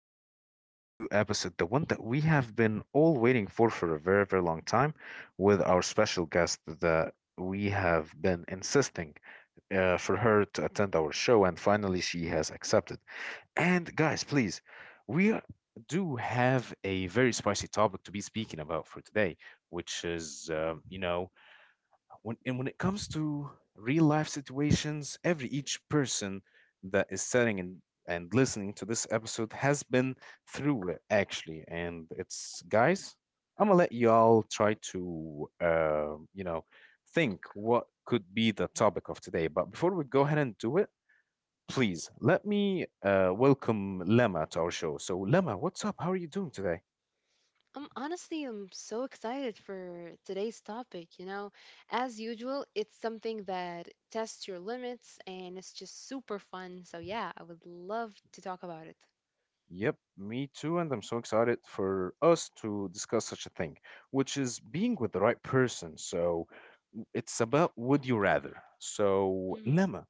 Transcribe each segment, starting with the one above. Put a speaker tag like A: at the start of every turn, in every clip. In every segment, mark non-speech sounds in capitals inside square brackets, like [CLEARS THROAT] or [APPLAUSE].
A: with our today's new episode, the one that we have been all waiting for a very, very long time, with our special guest that we have been insisting for her to attend our show, and finally she has accepted. And guys, please, we do have a very spicy topic to be speaking about for today, which is, when and when it comes to real life situations. Every each person that is sitting and listening to this episode has been through it, actually. And it's, guys, I'm gonna let y'all try to think what could be the topic of today, but before we go ahead and do it, please let me welcome lema to our show. So lema, what's up? How are you doing today?
B: Honestly, I'm so excited for today's topic. As usual, it's something that tests your limits and it's just super fun. So, yeah, I would love to talk about it.
A: Yep, me too, and I'm so excited for us to discuss such a thing, which is being with the right person. So it's about would you rather. So, Lemma,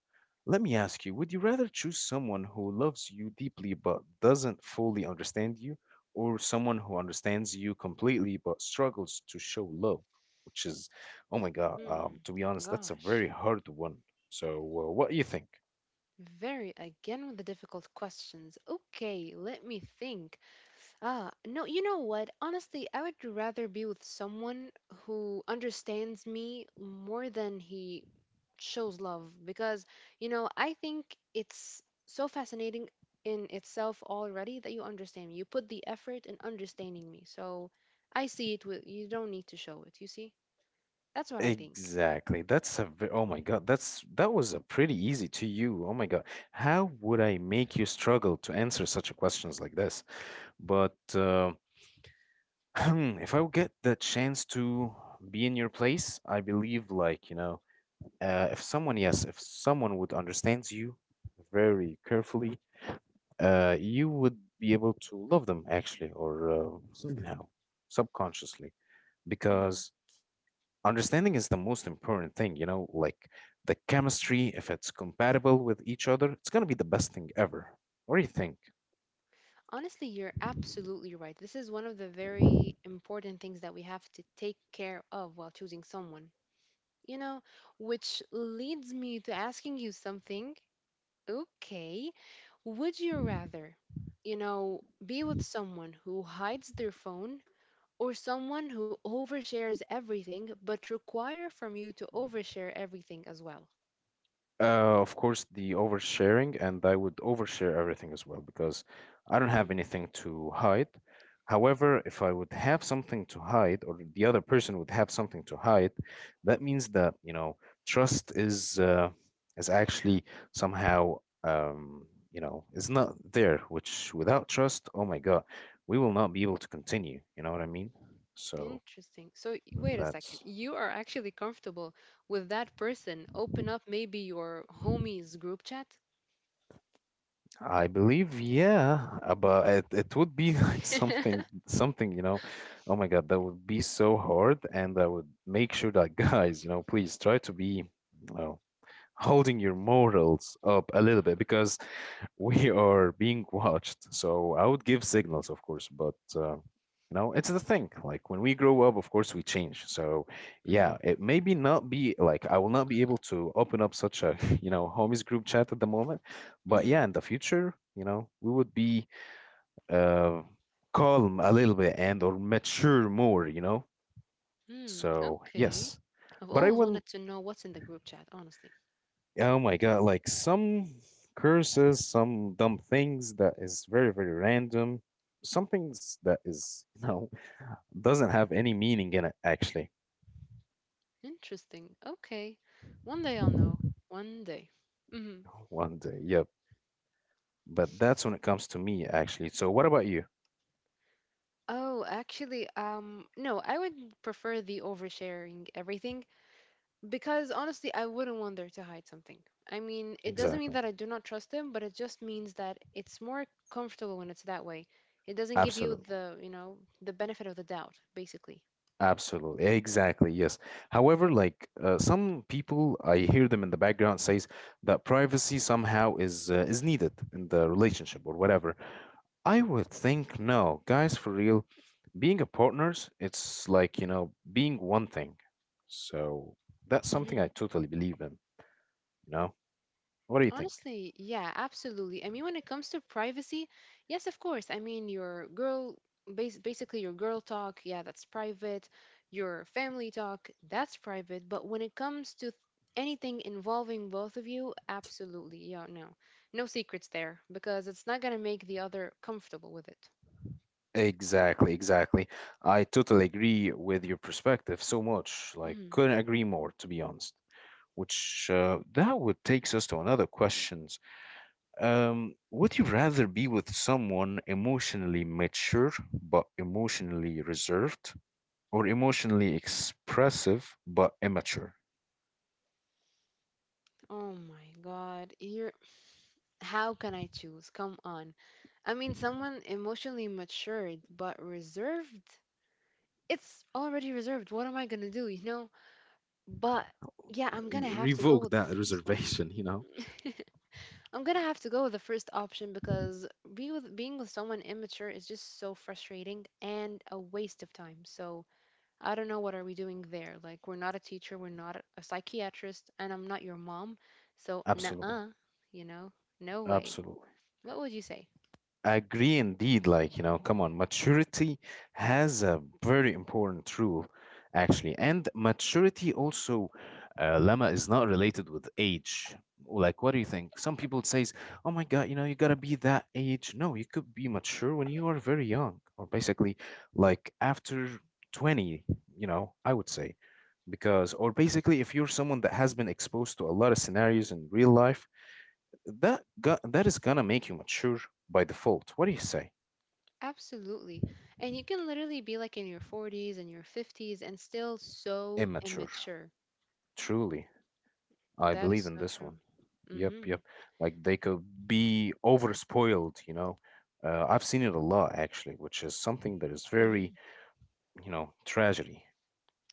A: let me ask you, would you rather choose someone who loves you deeply but doesn't fully understand you, or someone who understands you completely but struggles to show love? Which is, oh my God,
B: Mm-hmm.
A: to be honest, that's a
B: Gosh,
A: very hard one. So, what do you think?
B: very again with the difficult questions. Okay, let me think. Ah, no, you know what? Honestly, I would rather be with someone who understands me more than he shows love because, I think it's so fascinating in itself already that you understand me. You put the effort in understanding me. So I see it with you don't need to show it, you see? That's what I think.
A: Exactly. Oh my God. That was a pretty easy to you. Oh my God. How would I make you struggle to answer such a questions like this? But [CLEARS THROAT] if I would get the chance to be in your place, I believe, like, if someone would understands you very carefully, you would be able to love them, actually, or somehow subconsciously,
B: Hmm.
A: because understanding is the most important thing, like the chemistry, if it's compatible with each other, it's going to be the best thing ever. What do you think?
B: Honestly, you're absolutely right. This is one of the very important things that we have to take care of while choosing someone. You know, which leads me to asking you something. Okay, would you rather, be with someone who hides their phone or someone who overshares everything but require from you to overshare everything as well?
A: Of course, the oversharing, and I would overshare everything as well because I don't
B: Hmm,
A: have anything to hide. However, if I would have something to hide, or the other person would have something to hide, that means that, trust is actually somehow, um, is not there, which, without trust, oh my God, we will not be able to continue. You know what I mean? So
B: interesting. So, wait a second.
A: that's
B: You are actually comfortable with that person. Open up maybe your homies group chat.
A: I believe, yeah, but it would be [LAUGHS] like something,
B: [LAUGHS]
A: something, oh my God, that would be so hard. And I would make sure that [LAUGHS] guys, please try to be, you know, holding your morals up a little bit because we [LAUGHS] are being watched. So I would give signals, of course, but it's the thing. Like, when we grow up, of course, we change. So yeah,
B: Hmm.
A: it maybe not be like I will not be able to open up such a [LAUGHS] homies group chat at the moment, but yeah, in the future, we would be uh, calm a little bit and or mature more. You know,
B: Hmm,
A: so
B: okay.
A: yes.
B: I've
A: But I
B: always
A: want
B: wanted to know what's in the group chat, honestly.
A: Oh my god, like some curses, some dumb things that is very, very random. Some things that is, [LAUGHS] doesn't have any meaning in it actually.
B: Interesting. Okay. One day I'll know. One day. Hmm.
A: One day, yep. But that's when it comes to me actually. So what about you?
B: Oh, actually, no, I would prefer the oversharing everything because honestly, I wouldn't want there to hide something. I mean, it doesn't mean
A: Exactly.
B: that I do not trust them, but it just means that it's more comfortable when it's that way. It doesn't give you
A: Absolutely.
B: the benefit of the doubt, basically.
A: Absolutely, exactly, yes. However, like, some people, I hear them in the background, says that privacy somehow is needed in the relationship or whatever. I would think no, guys, for real, being a partners, it's like, being one thing. So that's something I totally believe in, you know? What do you think?
B: Honestly, yeah, absolutely. I mean, when it comes to privacy, yes, of course. I mean, your girl, basically your girl talk, yeah, that's private. Your family talk, that's private. But when it comes to anything involving both of you, absolutely, yeah, no, no secrets there because it's not gonna make the other comfortable with it.
A: Exactly, exactly. I totally agree with your perspective so much. Like,
B: Mhm.
A: couldn't agree more, to be honest. Which, that would takes us to another questions. Would you rather be with someone emotionally mature but emotionally reserved, or emotionally expressive but immature?
B: Oh my God, here, how can I choose? Come on. I mean, someone emotionally matured but reserved. It's already reserved. What am I gonna do, you know? But yeah, I'm gonna have to go
A: Revoke
B: with the
A: that [LAUGHS]
B: first one.
A: reservation, you know?
B: [LAUGHS] I'm gonna have to go with the first option because being with someone immature is just so frustrating and a waste of time. So I don't know what are we doing there. Like we're not a teacher, we're not a psychiatrist, and I'm not your mom. So
A: Absolutely,
B: nah, you know, no way.
A: absolutely.
B: What would you say?
A: I agree indeed. Like, come on, maturity has a very important role, actually. And maturity also, Lama, is not related with age. Like, what do you think? Some people says, oh my God, you gotta be that age. No, you could be mature when you are very young, or basically like after 20, I would say. Because, or basically, if you're someone that has been exposed to a lot of scenarios in real life, that is gonna make you mature by default. What do you say?
B: Absolutely. And you can literally be like in your 40s and your 50s and still so
A: Immature.
B: immature.
A: Truly, I
B: That
A: believe
B: is
A: in
B: so
A: this
B: true.
A: one. Yep,
B: Mm-hmm.
A: yep. Like, they could be overspoiled. I've seen it a lot actually, which is something that is
B: Mm-hmm.
A: very, tragedy.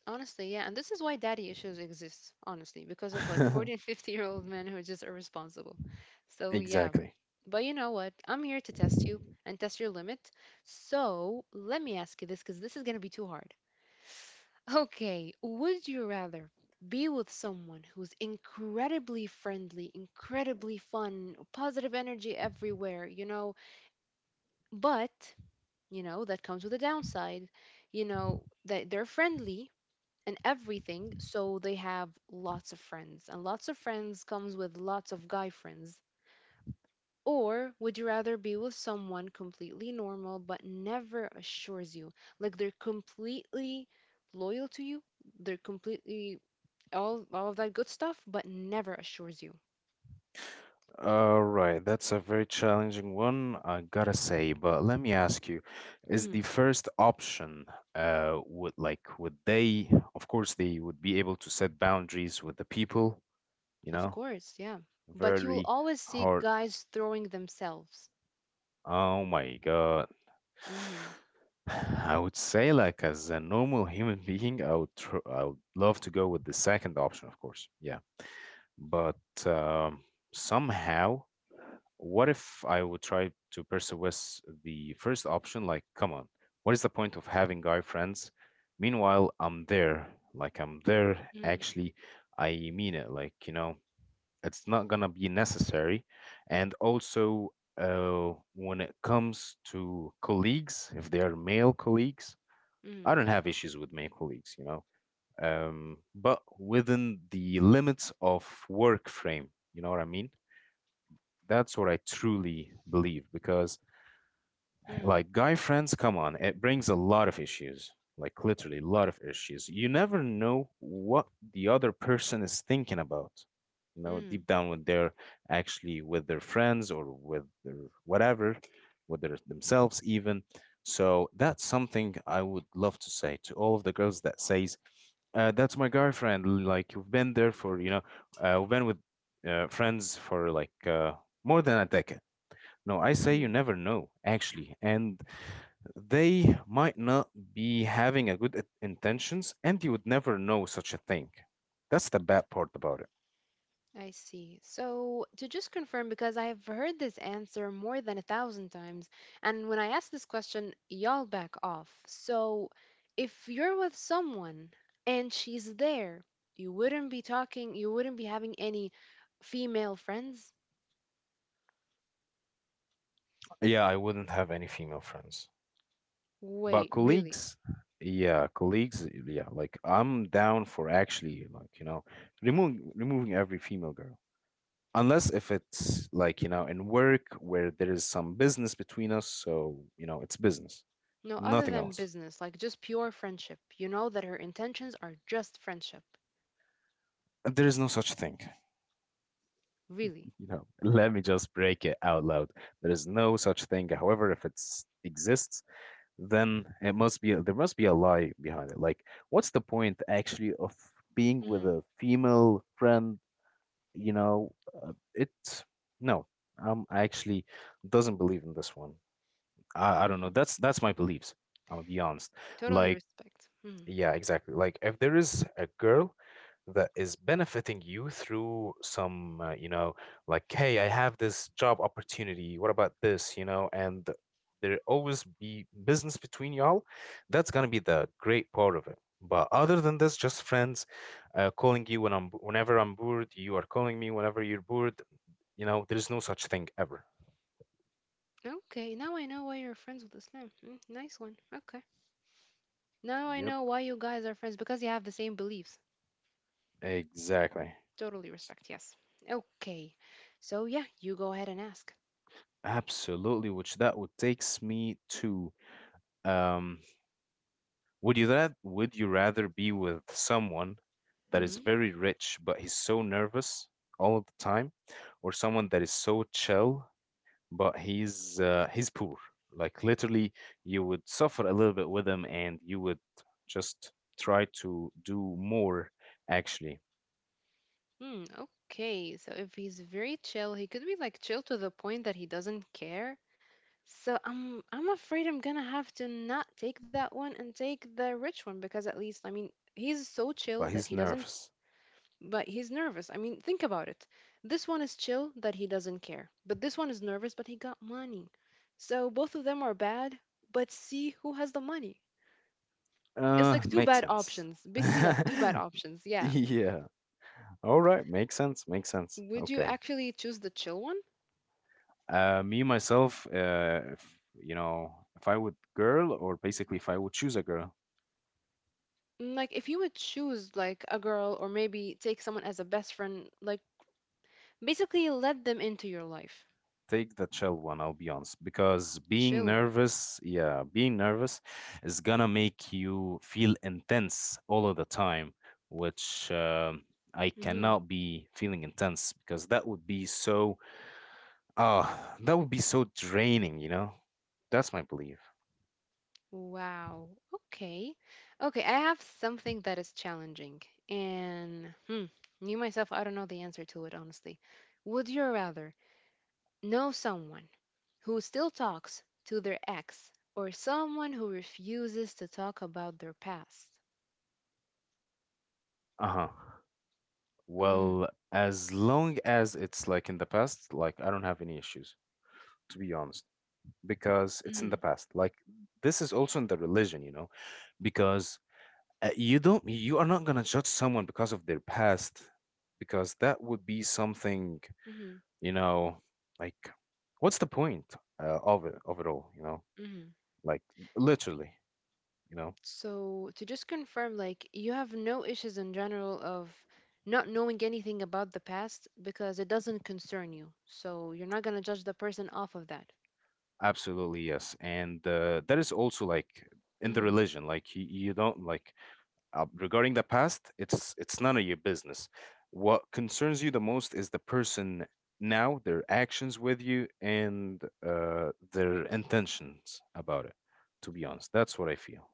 B: Honestly, yeah. And this is why daddy issues exist, honestly, because of like 40 and
A: [LAUGHS]
B: 50 year old men who are just irresponsible. So, yeah.
A: exactly.
B: But you know what? I'm here to test you and test your limit. So, let me ask you this because this is going to be too hard. Okay. Would you rather be with someone who's incredibly friendly, incredibly fun, positive energy everywhere, but you know that comes with a downside, you know that they're friendly and everything, so they have lots of friends, and lots of friends comes with lots of guy friends. Or would you rather be with someone completely normal but never assures you, like they're completely loyal to you, they're completely all of that good stuff but never assures you?
A: All right, that's a very challenging one, I gotta say. But let me ask you, is the
B: mm,
A: first option, would they, of course, they would be able to set boundaries with the people, you
B: of
A: know,
B: course, yeah, but you will
A: very
B: always see
A: hard.
B: guys throwing themselves.
A: Oh my God.
B: Mm-hmm.
A: [SIGHS] I would say, like, as a normal human [LAUGHS] being, I would love to go with the second option, of course. Yeah. But um, somehow, what if I would try to persuade the first option? Like, come on, what is the point of having guy friends? Meanwhile, I'm there. Like, I'm there. Actually, I mean it. Like, it's not gonna be necessary. And also, when it comes to colleagues, if they are male colleagues, I
B: Mm-hmm.
A: don't have issues with male colleagues, but within the limits of work frame. You know what I mean? That's what I truly believe because,
B: Mm-hmm.
A: like, guy friends, come on, it brings a lot of issues. Like, literally a lot of issues. You never know what the other person is thinking about. You know,
B: Mm,
A: deep down when they're actually with their friends or with their whatever, with their themselves even. So that's something I would love to say to all of the girls that says, that's my guy friend. Like, you have been there for, we've been with friends for like more than a decade. No, I say you
B: mm,
A: never know, actually. And they might not be having a good intentions, and you would never know such a thing. That's the bad part about it.
B: I see. So, to just confirm, because I've heard this answer more than a thousand times, and when I ask this question, y'all back off. So, if you're with someone and she's there, you wouldn't be talking, you wouldn't be having any female friends?
A: Yeah, I wouldn't have any female friends.
B: Wait,
A: But
B: really?
A: colleagues, yeah, like I'm down for actually, like, removing every female girl. Unless if it's like, in work where there is some business between us, so, it's business,
B: No, other
A: nothing
B: than
A: else.
B: business, like just pure friendship. You know that her intentions are just friendship.
A: There is no such thing.
B: Really.
A: [LAUGHS] Let me just break it out loud. There is no such thing. However, if it exists, then it must be there must be a lie behind it. Like, what's the point actually of being with
B: Hmm.
A: a female friend? You know, it No. I actually doesn't believe in this one. I don't know.
B: Hmm.
A: That's my beliefs. I'll be honest.
B: Totally
A: Like,
B: respect. Mm-hmm.
A: yeah, exactly. Like, if there is a girl that is benefiting you through some, like, hey, I have this job opportunity. What about this? And there always be business between y'all. That's gonna be the great part of it. But other than this, just friends, calling you when whenever I'm bored. You are calling me whenever you're bored. There is no such thing ever.
B: Okay, now I know why you're friends with Islam. Mm, nice one. Okay. Now I
A: Yep,
B: know why you guys are friends because you have the same beliefs.
A: exactly.
B: Totally respect, yes. Okay. So, yeah, you go ahead and ask.
A: Absolutely, which that would takes me to um would you rather be with someone that is
B: Hmm.
A: very rich but he's so nervous all of the time, or someone that is so chill but he's poor? Like, literally, you would suffer a little bit with him, and you would just try to do more, actually,
B: Mm, okay, so if he's very chill, he could be like chill to the point that he doesn't care. So I'm afraid I'm gonna have to not take that one and take the rich one because at least I mean he's so chill
A: but
B: that
A: he's
B: he doesn't
A: nervous.
B: but he's nervous. I mean, think about it. This one is chill that he doesn't care, but this one is nervous, but he got money. So both of them are bad, but see who has the money. It's like two
A: Makes
B: bad
A: sense.
B: options,
A: [LAUGHS]
B: basically, like two bad options. Yeah.
A: yeah. All right, makes sense. Makes sense.
B: Would you
A: Okay.
B: actually choose the chill one?
A: Me myself, if, or basically if I would choose a girl,
B: Like, if you would choose, like, a girl or maybe take someone as a best friend, like, basically let them into your life.
A: take the chill one. I'll be honest, because being
B: Chill one.
A: nervous, yeah, being nervous is gonna make you feel intense all of the time, which I
B: Mm-hmm.
A: cannot be feeling intense because that would be so, ah, that would be so draining. That's my belief.
B: Wow. Okay. Okay, I have something that is challenging. And me myself, I don't know the answer to it, honestly. Would you rather know someone who still talks to their ex or someone who refuses to talk about their past?
A: Uh huh.
B: Mm,
A: Well, as long as it's like in the past, like I don't have any issues, to be honest, because it's in the
B: mm,
A: past. Like, this is also in the religion, because you are not gonna judge someone because of their past, because that would be something,
B: mm,
A: you know, like, what's the point of it all, you know?
B: mm.
A: Like, literally, you know,
B: So, to just confirm, like, you have no issues in general of not knowing anything about the past because it doesn't concern you. So, you're not going to judge the person off of that.
A: absolutely yes. And that is also like in the
B: Hmm.
A: religion, like you don't like. Regarding the past, it's none of your business. What concerns you the most is the person now, their actions with you, and their intentions about it. To be honest, that's what I feel,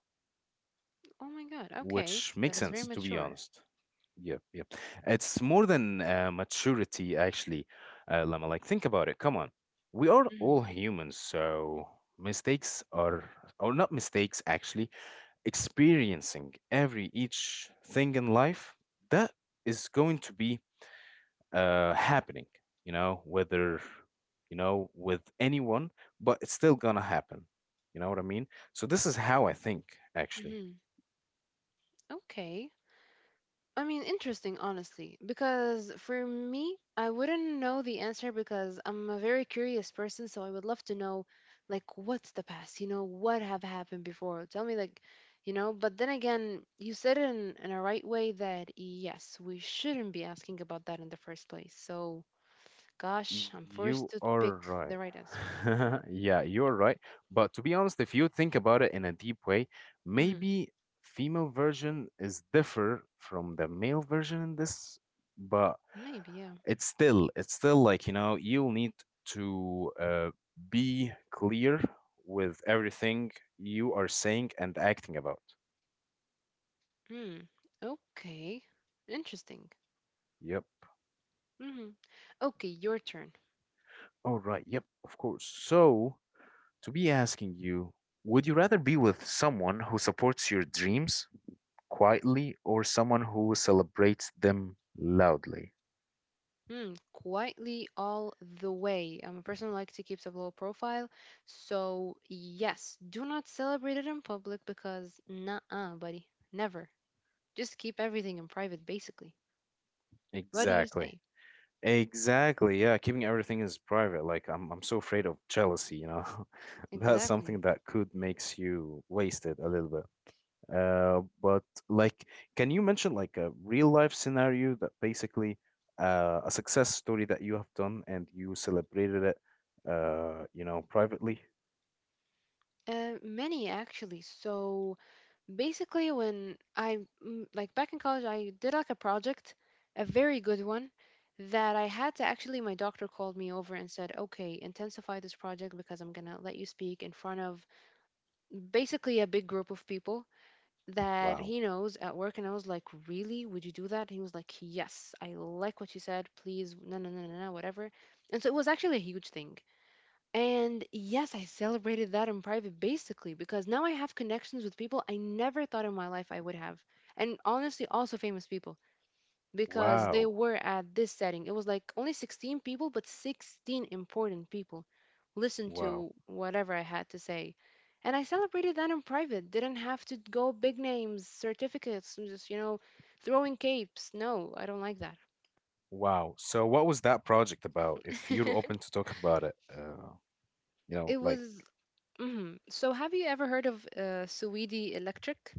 B: Oh my God. Okay.
A: which
B: That
A: makes
B: is very
A: sense. To be
B: mature.
A: honest, yep. It's more than maturity, actually, Lama. Like, think about it. Come on, we are
B: Mm-hmm.
A: all humans, so mistakes are, or not mistakes actually, experiencing every each thing in life that is going to be happening, you know, whether, you know, with anyone, but it's still gonna happen, you know what I mean. So this is how I think, actually.
B: Mm-hmm. Okay. I mean, interesting, honestly, because for me, I wouldn't know the answer because I'm a very curious person, so I would love to know, like, what's the past? You know, what have happened before? Tell me, like, but then again, you said it in a right way that yes, we shouldn't be asking about that in the first place. So, gosh, I'm forced
A: You
B: to
A: are
B: pick the
A: right.
B: right answer.
A: [LAUGHS] Yeah, you're right, but to be honest, if you think about it in a deep way,
B: Hmm.
A: maybe female version is differ from the male version in this, but
B: Maybe, yeah.
A: it's still like, you know, you'll need to be clear with everything you are saying and acting about.
B: Hmm. Okay. Interesting.
A: Yep.
B: Hmm. Okay, your turn.
A: All right, yep, of course. So, to be asking you, would you rather be with someone who supports your dreams quietly or someone who celebrates them loudly?
B: Hmm. Quietly all the way. I'm a person who likes to keep a low profile. So, yes, do not celebrate it in public because, nah, buddy. Never. Just keep everything in private, basically. What do you
A: Exactly.
B: say?
A: Exactly. Yeah, keeping everything is private. Like I'm so afraid of jealousy. [LAUGHS] That's something
B: Exactly.
A: that could makes you wasted a little bit. But like, can you mention like a real life scenario that basically a success story that you have done and you celebrated it privately?
B: Many actually. So, basically when I like back in college I did like a project, a very good one, that I had to, actually, my doctor called me over and said, okay, intensify this project because I'm gonna let you speak in front of basically a big group of people that
A: Wow.
B: he knows at work. And I was like, really, would you do that? And he was like, yes, I like what you said, please, no no no no no, whatever. And so it was actually a huge thing. And yes, I celebrated that in private basically because now I have connections with people I never thought in my life I would have. And honestly, also famous people because they
A: Wow.
B: were at this setting. It was like only 16 people, but 16 important people listened
A: Wow.
B: to whatever I had to say. And I celebrated that in private. Didn't have to go big names, certificates, just, throwing capes. No, I don't like that.
A: Wow. So what was that project about? If you're open
B: [LAUGHS]
A: to talk about it, you know,
B: It
A: like,
B: was. Mhm. So, have you ever heard of Suidi Electric?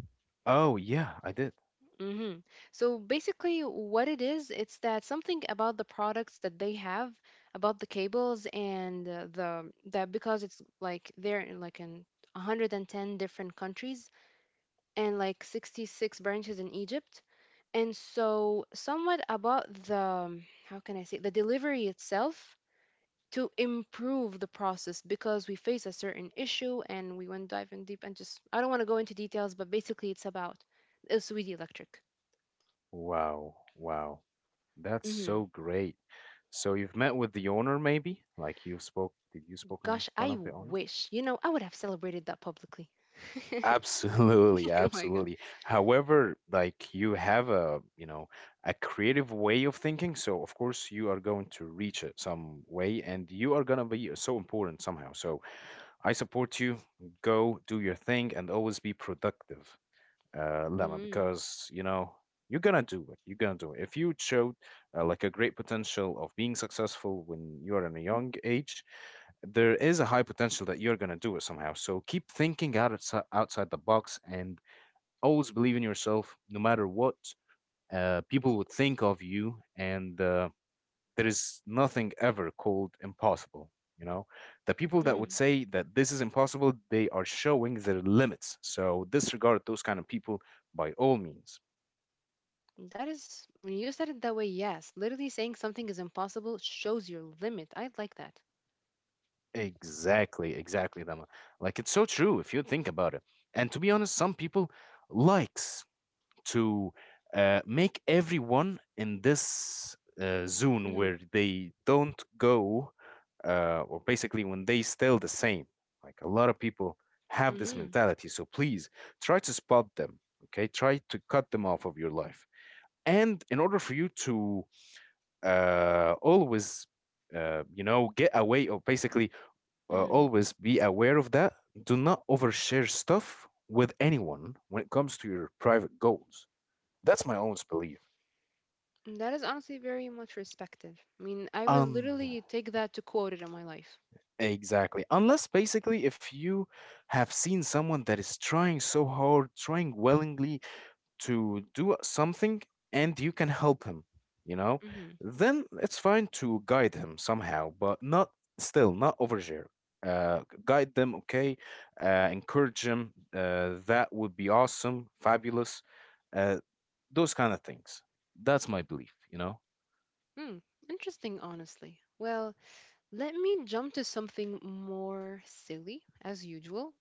A: oh yeah, I did.
B: Mm-hmm. So basically, what it is, it's that something about the products that they have, about the cables and the that because it's like they're in like in 110 different countries and like 66 branches in Egypt. And so somewhat about the, how can I say, the delivery itself to improve the process because we face a certain issue and we went dive in deep and just I don't want to go into details, but basically it's about the Saudi Electric.
A: Wow, wow. That's
B: Mm-hmm.
A: so great. So you've met with the owner maybe? Like you spoke, did you spoke in
B: Gosh,
A: front
B: I
A: of the owner?
B: wish. You know, I would have celebrated that publicly. [LAUGHS]
A: Absolutely,
B: Oh my God.
A: absolutely. However, like you have a creative way of thinking, so of course you are going to reach it some way and you are going to be so important somehow. So I support you. Go do your thing and always be productive. Lemma,
B: Mm,
A: because you know you're gonna do it. You're gonna do it. If you showed like a great potential of being successful when you're in a young age, there is a high potential that you're gonna do it somehow. So keep thinking outside the box and always believe in yourself, no matter what people would think of you. And there is nothing ever called impossible. You know, the people that would
B: mm.
A: say that this is impossible, they are showing their limits. So disregard those kind of people by all means.
B: That is, when you said it that way, yes. Literally saying something is impossible shows your limit. I like that.
A: Exactly, exactly, Dama. Like it's so true if you think about it. And to be honest, some people likes to make everyone in this zone
B: Mm,
A: where they don't go, or basically when they still the same. Like a lot of people have this
B: mm,
A: mentality. So please try to spot them. Okay, try to cut them off of your life. And in order for you to uh, always, get away or basically
B: mm.
A: always be aware of that. Do not overshare stuff with anyone when it comes to your private goals. That's my own belief.
B: That is honestly very much respective. I mean, I would
A: Um,
B: literally take that to quote it in my life.
A: exactly. Unless basically, if you have seen someone that is trying so hard, trying willingly, to do something and you can help him, you know,
B: Hmm.
A: then it's fine to guide him somehow, but not still, not overshare. Guide them, okay? Encourage them. That would be awesome, fabulous. Uh, those kind of things. That's my belief, you know?
B: Hmm. Interesting, honestly. Well, let me jump to something more silly, as usual.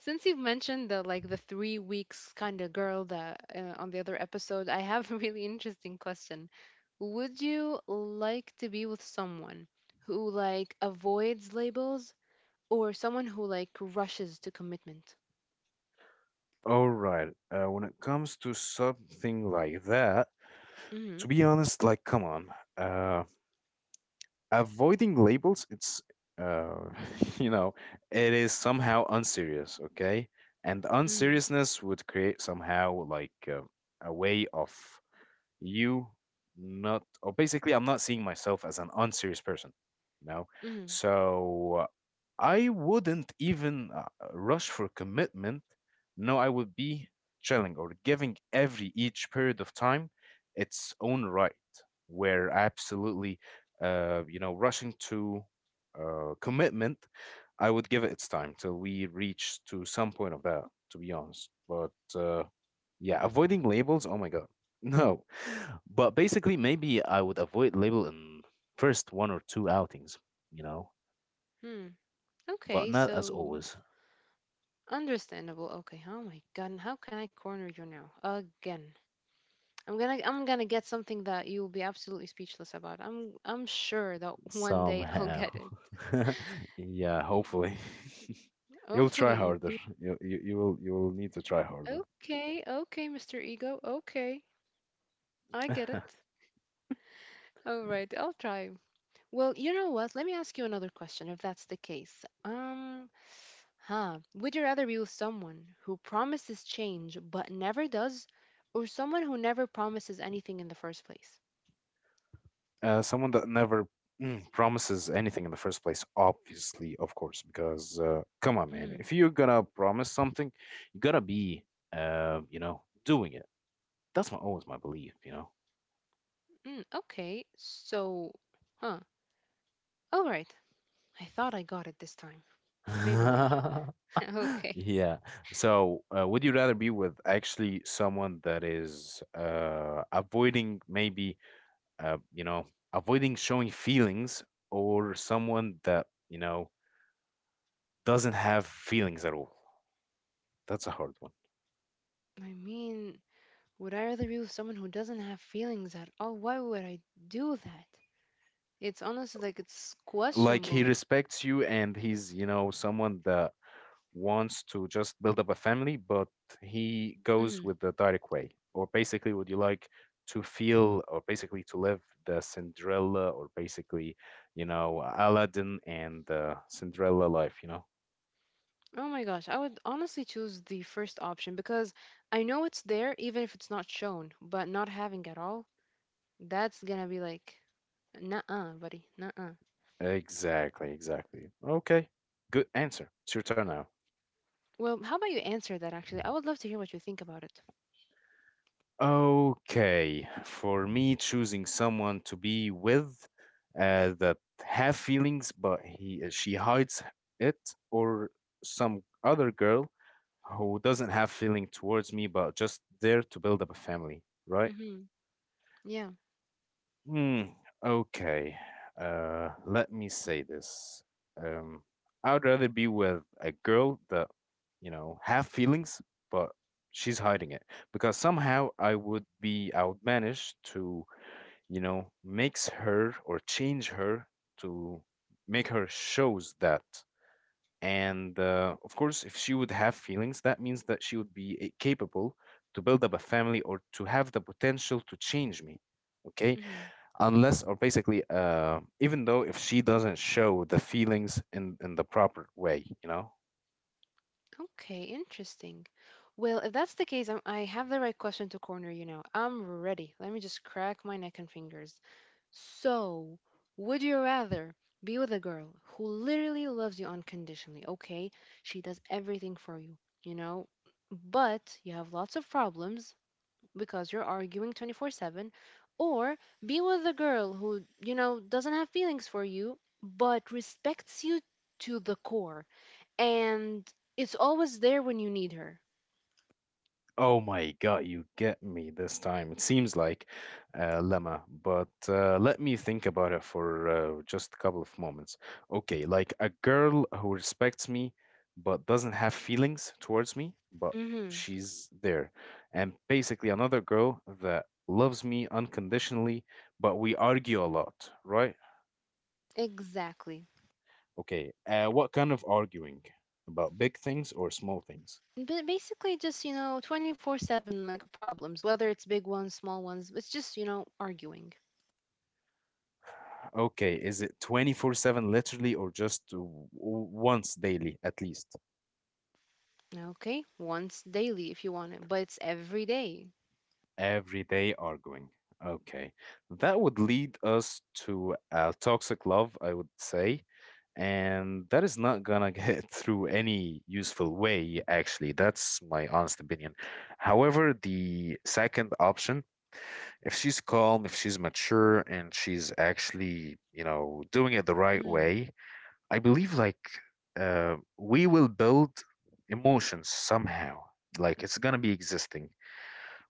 B: Since you've mentioned the like the 3 weeks kind of girl that on the other episode, I have [LAUGHS] a really interesting question. Would you like to be with someone who like avoids labels or someone who like rushes to commitment?
A: All right. When it comes to something like that, to
B: Mhm.
A: be honest, like, come on. Uh, Avoiding labels, it's uh, [LAUGHS] you know, it is somehow unserious, okay, and
B: Mhm.
A: unseriousness would create somehow like a way of you not, or basically I'm not seeing myself as an unserious person, you know.
B: Mhm.
A: So I wouldn't even rush for commitment. No, I would be chilling or giving every each period of time its own right, where absolutely, rushing to commitment, I would give it its time till we reach to some point of that, to be honest. But yeah, avoiding labels, oh my God, [LAUGHS] no. But basically, maybe I would avoid label in first one or two outings, you know,
B: Hmm.
A: but
B: Okay,
A: not as
B: so
A: always.
B: understandable. Okay. Oh my God, and how can I corner you now again? I'm gonna get something that you'll be absolutely speechless about. I'm sure that [LAUGHS] one day I'll
A: Somehow.
B: get it.
A: [LAUGHS] Yeah, hopefully. [LAUGHS] You'll try
B: Hopefully,
A: harder.
B: indeed.
A: You will need to try harder.
B: Okay, okay, Mr. Ego. Okay, I get
A: [LAUGHS]
B: it. All right, I'll try. Well, you know what? Let me ask you another question, if that's the case. Huh. Would you rather be with someone who promises change but never does, or someone who never promises anything in the first place?
A: Someone that never promises anything in the first place, obviously, of course, because come on, man,
B: Mm,
A: if you're gonna promise something, you gotta be, doing it. That's my always my belief, you know.
B: mm, okay, so, huh. All right. I thought I got it this time. Maybe later.
A: [LAUGHS]
B: [LAUGHS] Okay.
A: Yeah. So, would you rather be with actually someone that is avoiding maybe, uh, you know, avoiding showing feelings, or someone that you know doesn't have feelings at all? That's a hard one.
B: I mean, would I rather be with someone who doesn't have feelings at all? Why would I do that? It's honestly like it's
A: Like he
B: questionable.
A: respects you and he's, you know, someone that wants to just build up a family, but he goes
B: Hmm.
A: with the direct way, or basically would you like to feel or basically to live the Cinderella, or basically, you know, Aladdin and Cinderella life, you know.
B: Oh my gosh, I would honestly choose the first option because I know it's there even if it's not shown, but not having at all, that's gonna be like, nuh-uh, buddy, nuh-uh.
A: Exactly, exactly, okay, good answer. It's your turn now.
B: Well, how about you answer that actually? I would love to hear what you think about it.
A: Okay, for me, choosing someone to be with that have feelings, but he she hides it, or some other girl who doesn't have feeling towards me, but just there to build up a family, right?
B: Hmm. Yeah.
A: Hmm. Okay. Let me say this. Um, I'd rather be with a girl that, you know, have feelings, but she's hiding it because somehow I would manage to, you know, makes her or change her to make her shows that. And of course, if she would have feelings, that means that she would be capable to build up a family or to have the potential to change me, okay,
B: Mm-hmm.
A: unless or basically even though if she doesn't show the feelings in the proper way, you know.
B: Okay, interesting. Well, if that's the case, I have the right question to corner you now. I'm ready. Let me just crack my neck and fingers. So, would you rather be with a girl who literally loves you unconditionally? Okay, she does everything for you, you know, but you have lots of problems because you're arguing 24/7, or be with a girl who, you know, doesn't have feelings for you but respects you to the core and it's always there when you need her.
A: Oh my God, you get me this time. It seems like lemma, but let me think about it for just a couple of moments. Okay, like a girl who respects me but doesn't have feelings towards me, but
B: Hmm.
A: she's there. And basically, another girl that loves me unconditionally, but we argue a lot, right?
B: Exactly.
A: Okay, what kind of arguing? About big things or small things?
B: But basically, just you know, 24/7 like problems, whether it's big ones, small ones. It's just you know arguing.
A: Okay, is it 24/7 literally or just once daily at least?
B: Okay, once daily if you want it, but it's every day.
A: Every day arguing. Okay. That would lead us to a toxic love, I would say. And that is not gonna get [LAUGHS] through any useful way, actually. That's my honest opinion. However, the second option, if she's calm, if she's mature, and she's actually, you know, doing it the right
B: Mm.
A: way, I believe like we will build emotions somehow. Like it's gonna be existing.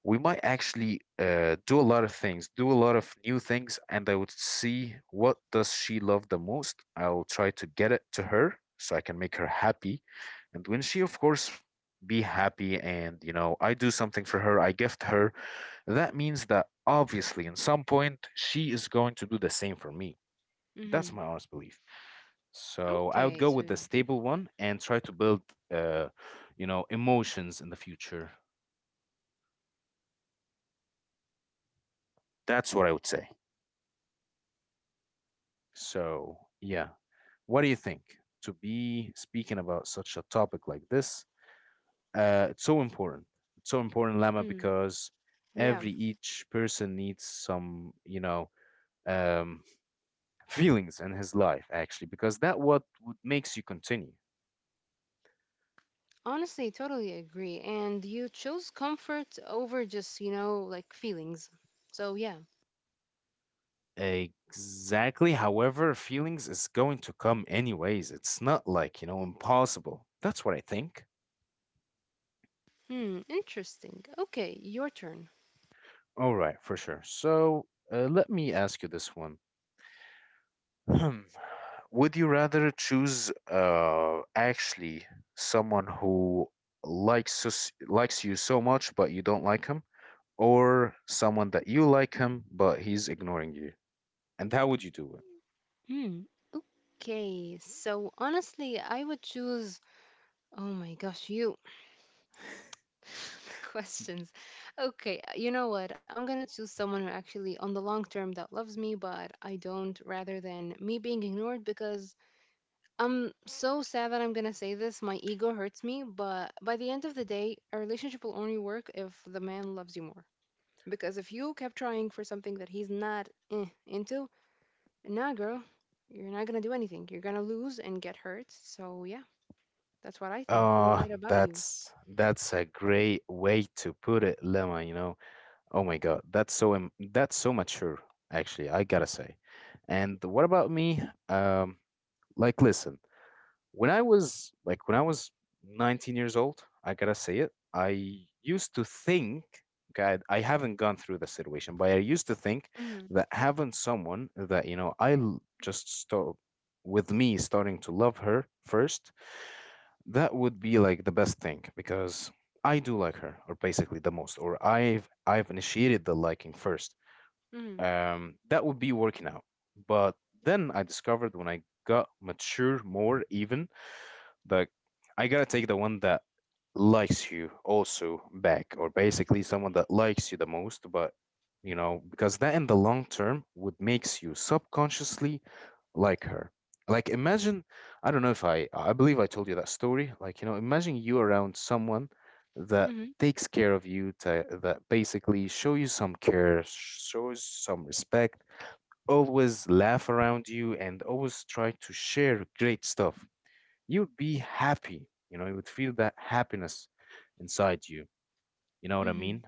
A: We might actually do a lot of things, do a lot of new things, and I would see what does she love the most. I'll try to get it to her so I can make her happy, and when she, of course, be happy, and you know, I do something for her, I gift her. That means that obviously, in some point, she is going to do the same for me. That's
B: Mm-hmm.
A: my honest belief. So I would
B: Okay,
A: go with
B: so
A: the stable one and try to build, uh, emotions in the future. That's what I would say. So, yeah. What do you think? To be speaking about such a topic like this, it's so important. It's so important, Lama,
B: mm,
A: because
B: yeah,
A: every each person needs some, you know, um, [LAUGHS] feelings in his life actually, because that what would makes you continue.
B: honestly, totally agree. And you chose comfort over just, you know, like feelings. So yeah.
A: Exactly. However, feelings is going to come anyways. It's not like, you know, impossible. That's what I think.
B: Hmm, interesting. Okay, your turn.
A: All right, for sure. So, let me ask you this one. Hmm. Would you rather choose actually someone who likes you so much but you don't like him, or someone that you like him but he's ignoring you? And how would you do it?
B: Hmm. Okay. So honestly, I would choose. Oh my gosh, you. [LAUGHS] The questions. Okay. You know what? I'm gonna choose someone who actually, on the long term, that loves me, but I don't, rather than me being ignored because I'm so sad that I'm gonna say this. My ego hurts me, but by the end of the day, a relationship will only work if the man loves you more. Because if you kept trying for something that he's not into, nah, girl, you're not gonna do anything. You're gonna lose and get hurt. So yeah, that's what I think. Well, what about you?
A: That's a great way to put it, Lemma, you know. Oh my God, that's that's so mature, actually, I gotta say. And what about me? Um, like, listen, when I was 19 years old, I gotta say it, I used to think, God, I haven't gone through the situation, but I used to think
B: Mm-hmm.
A: that having someone that, you know, just start with me starting to love her first, that would be like the best thing because I do like her, or basically the most, or I've initiated the liking first,
B: Mm-hmm.
A: that would be working out. But then I discovered when I got mature more, even that I gotta take the one that likes you also back, or basically someone that likes you the most. But because that in the long term would makes you subconsciously like her. Like imagine, I don't know if I believe I told you that story. Like, you know, imagine you around someone that
B: Mm-hmm.
A: takes care of you, to, that basically show you some care, shows some respect, always laugh around you and always try to share great stuff. You would be happy, you would feel that happiness inside you. You know what I
B: Mm-hmm.
A: mean?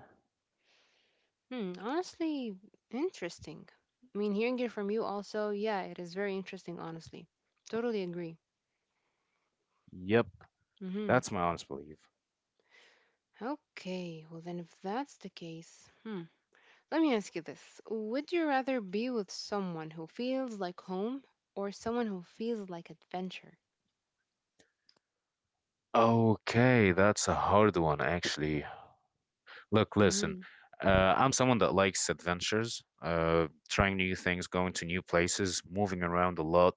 B: Hmm. Honestly, interesting. I mean, hearing it from you also, yeah, it is very interesting, honestly. Totally agree.
A: Yep,
B: Mm-hmm.
A: that's my honest belief.
B: Okay, well then if that's the case, hmm. Let me ask you this. Would you rather be with someone who feels like home or someone who feels like adventure?
A: Okay, that's a hard one actually. Look, listen,
B: Mm-hmm.
A: I'm someone that likes adventures, trying new things, going to new places, moving around a lot.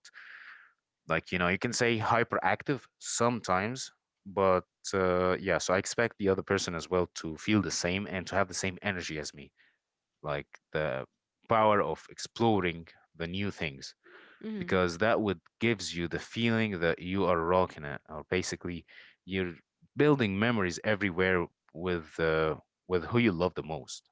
A: Like, you know, you can say hyperactive sometimes, but yeah, so I expect the other person as well to feel the same and to have the same energy as me, like the power of exploring the new things, because that would gives you the feeling that you are rocking it, or basically you're building memories everywhere with uh, with who you love the most.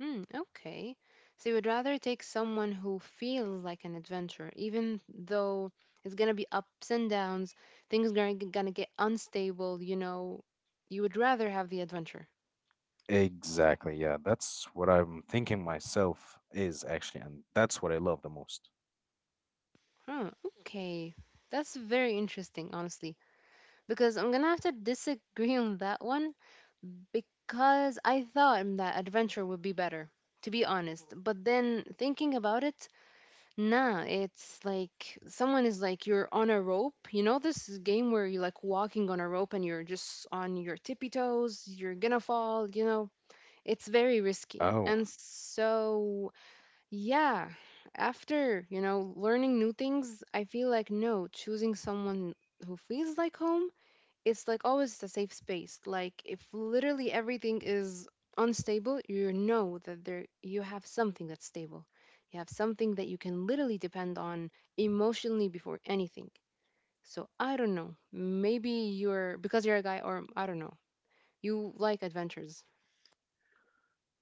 B: Hmm. Okay. So you would rather take someone who feels like an adventure, even though it's gonna be ups and downs, things gonna get unstable, you know. You would rather have the adventure.
A: Exactly. Yeah, that's what I'm thinking myself is actually, and that's what I love the most.
B: Huh, okay. That's very interesting, honestly. Because I'm gonna have to disagree on that one because I thought that adventure would be better, to be honest. But then thinking about it, nah, it's like someone is like you're on a rope. You know this game where you're like walking on a rope and you're just on your tippy toes, you're gonna fall, you know. It's very risky.
A: Oh,
B: And so, yeah, after, you know, learning new things, I feel like no, choosing someone who feels like home, it's like always a safe space. Like if literally everything is unstable, you know that there you have something that's stable. You have something that you can literally depend on emotionally before anything. So I don't know. Maybe you're because you're a guy or I don't know. You like adventures.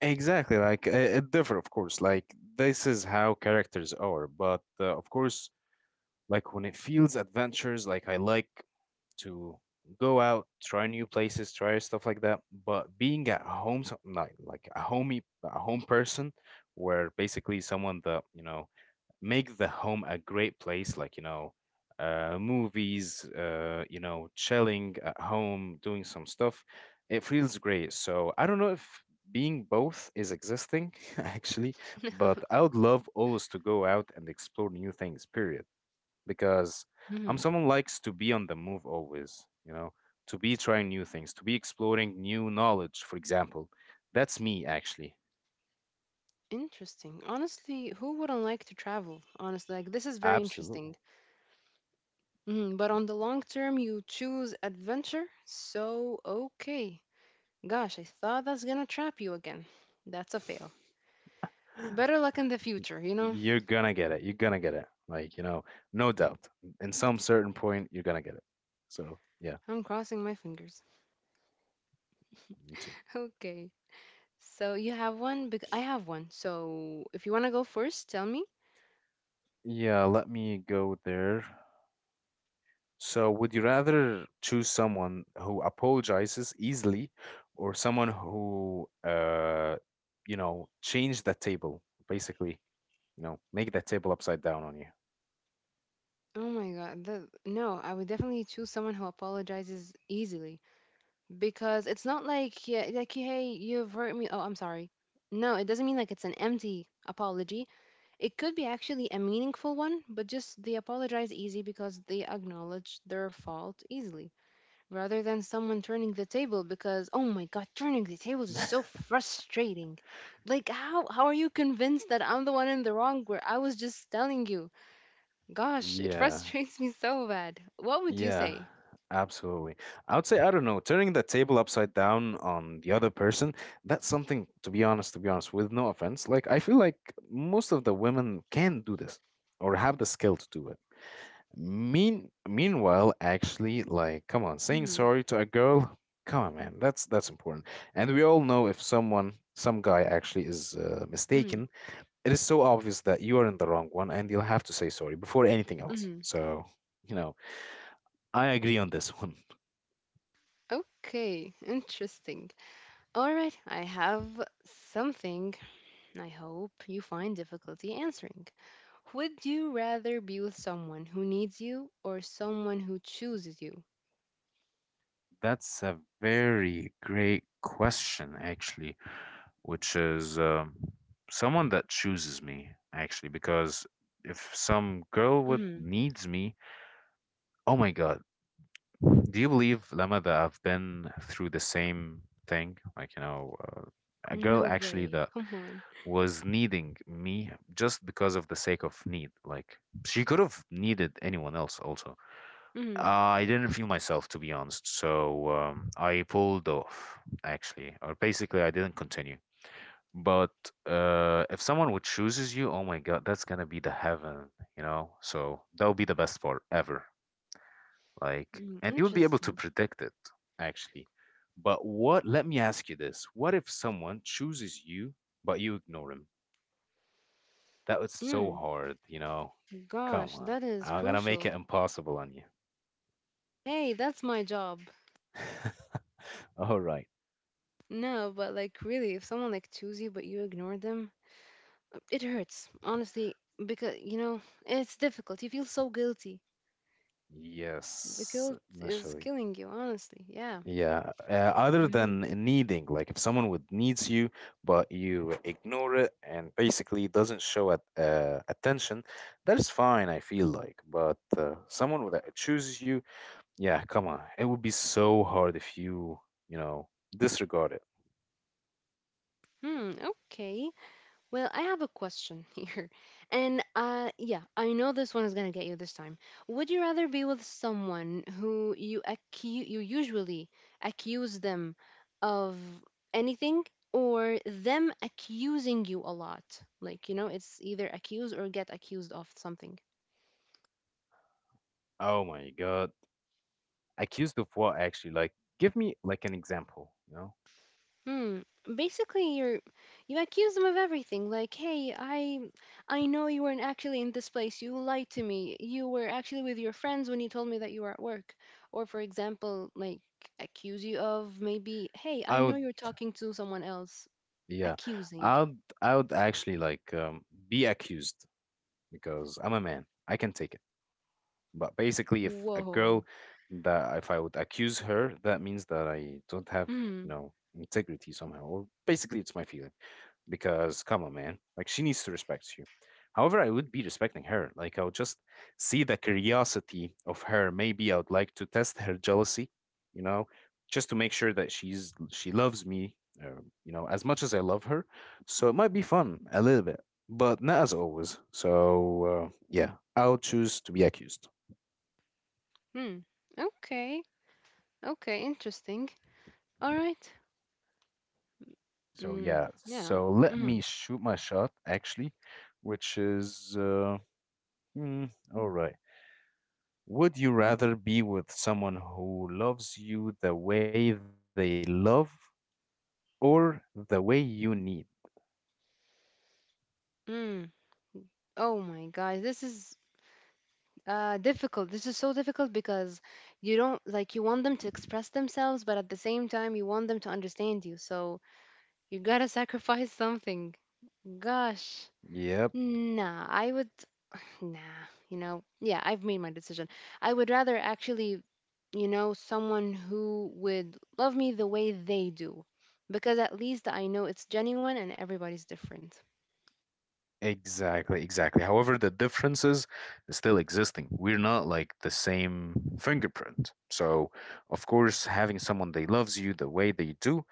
A: exactly. Like it differ, of course. Like this is how characters are, but of course, like when it feels adventures, like I like to go out, try new places, try stuff like that. But being at home, like a homey, a home person, where basically someone that you know make the home a great place, like you know, movies, you know, chilling at home doing some stuff. It feels great, so I don't know if being both is existing [LAUGHS] actually. But
B: [LAUGHS]
A: I would love always to go out and explore new things, period. Because
B: Hmm.
A: I'm someone likes to be on the move always, you know, to be trying new things, to be exploring new knowledge, for example. That's me actually.
B: Interesting. Honestly, who wouldn't like to travel? Honestly, like this is very
A: Absolutely.
B: interesting. Hmm. But on the long term, you choose adventure. So, okay. Gosh, I thought that's gonna trap you again. That's a fail. Better luck in the
A: y-
B: future, you know?
A: you're gonna get it. You're gonna get it. Like, you know, no doubt. In some certain point, you're gonna get it. So, yeah,
B: I'm crossing my fingers. [LAUGHS]
A: me too.
B: Okay. So you have one, I have one. So if you want to go first, tell me.
A: Yeah, let me go there. So, would you rather choose someone who apologizes easily or someone who, you know, change the table, basically, you know, make the table upside down on you?
B: Oh my god, no, I would definitely choose someone who apologizes easily because it's not like yeah, like hey, you've hurt me. Oh, I'm sorry. No, it doesn't mean like it's an empty apology. It could be actually a meaningful one, but just they apologize easy because they acknowledge their fault easily. Rather than someone turning the table because oh my god turning the tables is so
A: [LAUGHS]
B: frustrating, like how are you convinced that I'm the one in the wrong where I was just telling you, gosh, it [LAUGHS]
A: Yeah.
B: frustrates me so bad. What would you
A: Yeah,
B: say?
A: absolutely. I would say, I don't know, turning the table upside down on the other person, that's something, to be honest, with no offense. Like, I feel like most of the women can do this or have the skill to do it. Meanwhile, actually, like, come on, saying
B: Mm-hmm,
A: sorry to a girl, come on, man, that's important. And we all know if someone, some guy actually is
B: mm-hmm,
A: mistaken, it is so obvious that you are in the wrong one, and you'll have to say sorry before anything else.
B: mm-hmm.
A: So, you know, I agree on this [LAUGHS] one.
B: Okay, interesting. All right, I have something I hope you find difficulty answering. Would you rather be with someone who needs you or someone who chooses you?
A: That's a very great question, actually, which is someone that chooses me, actually, because if some girl would
B: Mm.
A: needs me, oh my God, do you believe, Lama, that I've been through the same thing? Like, you know, a girl
B: No
A: actually
B: way.
A: that
B: Come on.
A: was needing me just because of the sake of need. Like, she could have needed anyone else also.
B: Mm,
A: I didn't feel myself, to be honest. So I pulled off, actually, or basically, I didn't continue. But if someone would chooses you, oh my God, that's gonna be the heaven, you know? So that would be the best part ever. Like,
B: mm,
A: and you would be able
B: interesting.
A: to predict it, actually. But what, let me ask you this. What if someone chooses you, but you ignore him? That was so
B: Mm,
A: hard, you know? Come
B: gosh,
A: on.
B: that is
A: I'm gonna make
B: crucial.
A: it impossible on you.
B: Hey, that's my job.
A: [LAUGHS] All right.
B: No, but like really, if someone like chooses you but you ignore them, it hurts, honestly, because you know, it's difficult. You feel so guilty. The
A: Yes,
B: guilt is
A: initially.
B: killing you, honestly. Yeah.
A: Yeah. Other
B: Mm-hmm.
A: than needing, like if someone would needs you, but you ignore it and basically doesn't show at, attention, that is fine, I feel like. But someone that chooses you, yeah, come on. It would be so hard if you, you know, disregard it.
B: Hmm, okay. Well, I have a question [LAUGHS] here. And yeah, I know this one is going to get you this time. Would you rather be with someone who you usually accuse them of anything or them accusing you a lot? Like, you know, it's either accuse or get accused of something.
A: Oh my God. Accused of what actually? Like, give me like an example, you know?
B: Hmm. Basically, you accuse them of everything. Like, hey, I know you weren't actually in this place. You lied to me. You were actually with your friends when you told me that you were at work. Or, for example, like accuse you of maybe, hey,
A: I
B: I know
A: would,
B: you're talking to someone else.
A: yeah,
B: Accusing.
A: I would actually like be accused. Because I'm a man. I can take it. But basically, if a
B: Whoa.
A: girl that if I would accuse her, that means that I don't have,
B: Hmm.
A: you know, integrity somehow, or basically it's my feeling because come on, man. Like she needs to respect you. However, I would be respecting her. Like I would just see the curiosity of her. Maybe I would like to test her jealousy, you know, just to make sure that she loves me, you know, as much as I love her. So it might be fun a little bit, but not as always. So yeah, I'll choose to be accused.
B: Hmm. Okay. Okay. Interesting. All right.
A: So
B: Mm.
A: yeah,
B: Yeah.
A: so let
B: Hmm.
A: me shoot my shot actually, which is hmm, all right. Would you rather be with someone who loves you the way they love or the way you need?
B: Mm. Oh my God. This is difficult. This is so difficult because you don't like you want them to express themselves, but at the same time you want them to understand you, so you gotta sacrifice something, gosh.
A: Yep,
B: Nah, I would, [SIGHS] nah, you know, yeah, I've made my decision. I would rather actually, you know, someone who would love me the way they do because at least I know it's genuine and everybody's different.
A: exactly, exactly. However, the differences still existing. We're not like the same fingerprint. So, of course, having someone that loves you the way they do,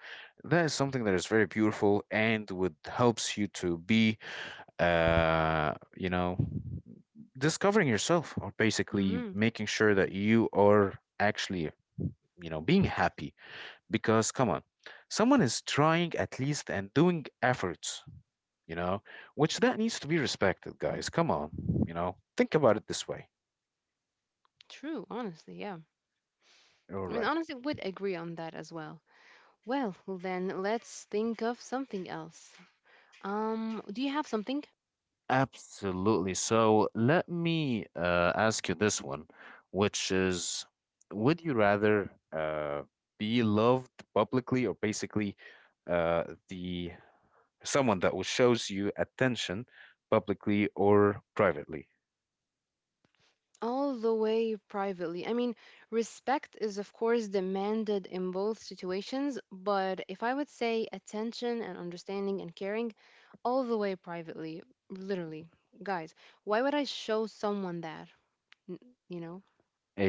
A: that is something that is very beautiful and would helps you to be, you know, discovering yourself or basically
B: Mm-hmm.
A: making sure that you are actually, you know, being happy. Because come on, someone is trying at least and doing efforts, you know, which that needs to be respected, guys, come on. You know, think about it this way.
B: True, honestly. Yeah,
A: All
B: I mean,
A: right,
B: honestly, would agree on that as well. Well, then let's think of something else. Do you have something?
A: absolutely. So let me ask you this one, which is would you rather uh, be loved publicly or basically uh, the someone that will shows you attention publicly or privately?
B: All the way privately. I mean, respect is, of course, demanded in both situations, but if I would say attention and understanding and caring, all the way privately, literally, guys, why would I show someone that? N- You know,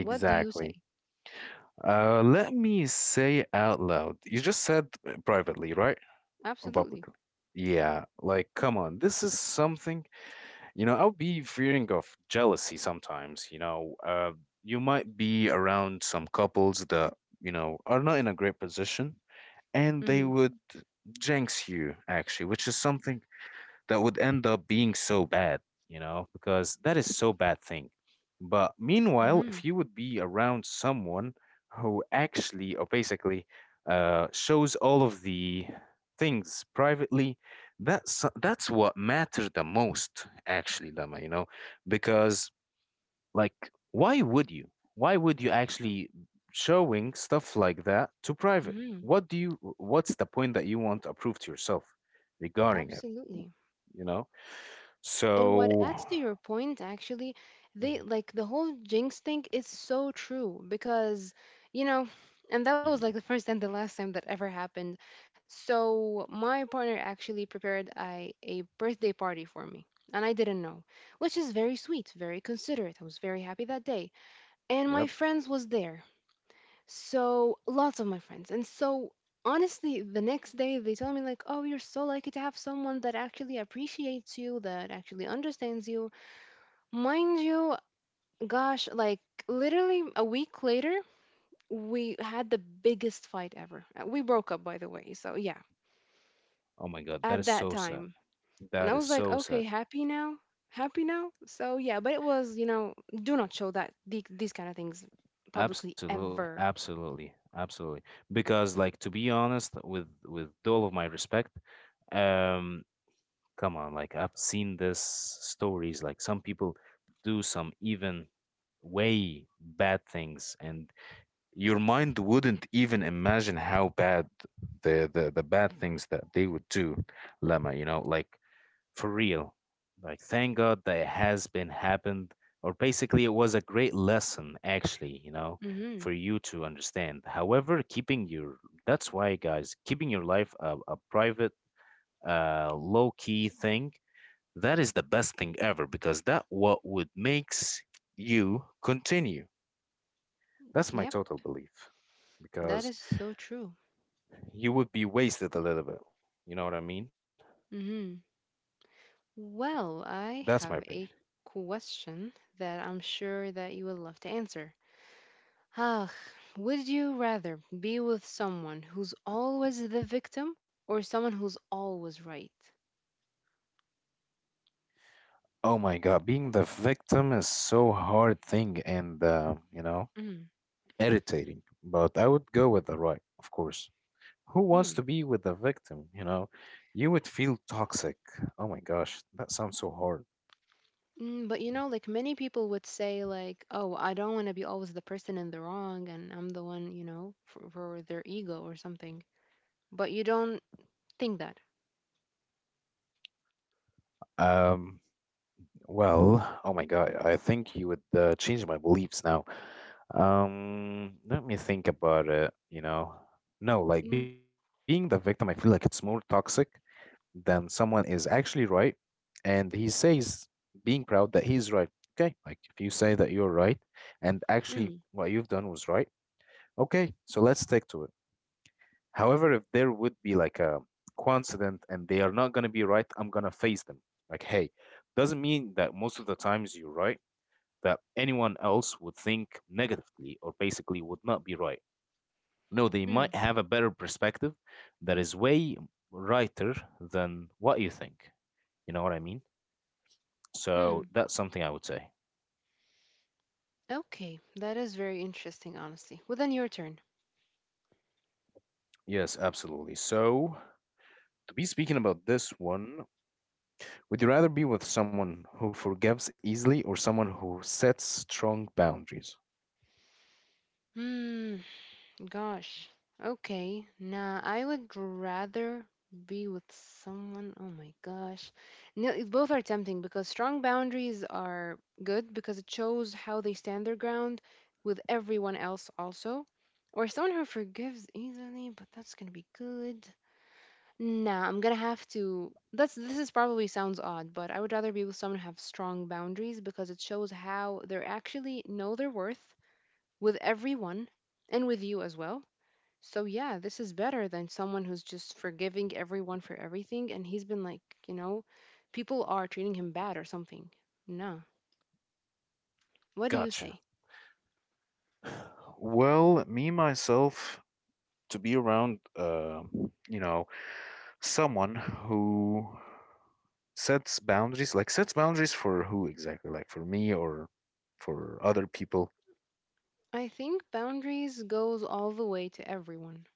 B: what do you say?
A: Let me say out loud. You just said privately, right? Or
B: Absolutely.
A: publicly? Yeah, like come on. This is something, you know, I'll be fearing of jealousy sometimes, you know. You might be around some couples that, you know, are not in a great position and they
B: Mm-hmm.
A: would jinx you actually, which is something that would end up being so bad, you know, because that is so bad thing. But meanwhile,
B: Mm-hmm.
A: if you would be around someone who actually or basically shows all of the things privately, that's what matter the most, actually, Lama. You know, because like, why would you? Why would you actually showing stuff like that to private?
B: Mm-hmm.
A: What do you? What's the point that you want to prove to yourself regarding it?
B: Absolutely.
A: You know?
B: And what
A: So,
B: adds to your point, actually, they
A: mhm.
B: like the whole jinx thing is so true because, you know, and that was like the
A: Ye-
B: first and the last time that ever happened. So my partner actually prepared a birthday party for me, and I didn't know, which is very sweet, very considerate. I was very happy that day, and my
A: yep.
B: friends was there. So lots of my friends, and so. Honestly, the next day they told me like, "Oh, you're so lucky to have someone that actually appreciates you, that actually understands you." Mind you, gosh, like literally a week later, we had the biggest fight ever. We broke up, by the way. So, yeah,
A: Oh my God, that
B: at
A: is
B: that
A: so sad.
B: time. And
A: That
B: I
A: is
B: was like,
A: so sad.
B: okay, happy now? Happy now? So, yeah, but it was, you know, do not show that these kind of things publicly
A: Absolutely,
B: ever.
A: absolutely, absolutely. Because, like, to be honest, with all of my respect, um, come on, like, I've seen this stories. Like, some people do some even way bad things, and your mind wouldn't even imagine how bad the bad things that they would do, Lama. You know, like for real. Like, thank God that it has been happened, or basically, it was a great lesson, actually, you know, for
B: Mhm.
A: you to understand. However, keeping your, that's why, guys, keeping your life a private, low key thing, that is the best thing ever because that what would makes you continue. That's my
B: Yep,
A: total belief
B: that
A: because
B: is so true.
A: you would be wasted a little bit. You know what I mean?
B: Mhm. Well, I
A: That's my
B: have
A: opinion.
B: a question that I'm sure that you will love to answer. Ah, would you rather be with someone who's always the victim or someone who's always right?
A: Oh my God, being the victim is so hard thing and you know,
B: Mm,
A: irritating. But I would go with the right, of course. Who wants
B: hmm.
A: to be with the victim, you know? You would feel toxic. Oh my gosh, that sounds so hard.
B: Mm, but you know, like many people would say, like, oh, I don't want to be always the person in the wrong and I'm the one, you know, for their ego or something. But you don't think that.
A: Um, well, oh my God, I think you would change my beliefs now. Let me think about it, you know. No, like
B: Mm,
A: being the victim, I feel like it's more toxic then someone is actually right and he says being proud that he's right. Okay, like if you say that you're right and actually
B: mm,
A: what you've done was right, okay, so let's stick to it. However, if there would be like a coincidence and they are not going to be right, I'm going to face them, like, hey, doesn't mean that most of the times you're right that anyone else would think negatively or basically would not be right. No, they might
B: mm,
A: have a better perspective that is way righter than what you think. You know what I mean? So
B: mm.
A: that's something I would say.
B: Okay, that is very interesting, honestly. Well, then your turn.
A: Yes, absolutely. So, to be speaking about this one, would you rather be with someone who forgives easily or someone who sets strong boundaries?
B: Hmm. Gosh. Okay. Nah, I would rather be with someone. Oh my gosh. No, both are tempting because strong boundaries are good because it shows how they stand their ground with everyone else also. Or someone who forgives easily, but that's gonna be good. Nah, I'm gonna have to. That's This is probably sounds odd, but I would rather be with someone who have strong boundaries because it shows how they are actually know their worth with everyone and with you as well. So yeah, this is better than someone who's just forgiving everyone for everything and he's been like, you know, people are treating him bad or something. No. What do you
A: Gotcha.
B: say?
A: [SIGHS] Well, me myself to be around, you know, someone who sets boundaries, like sets boundaries for who exactly, like for me or for other people.
B: I think boundaries goes all the way to everyone,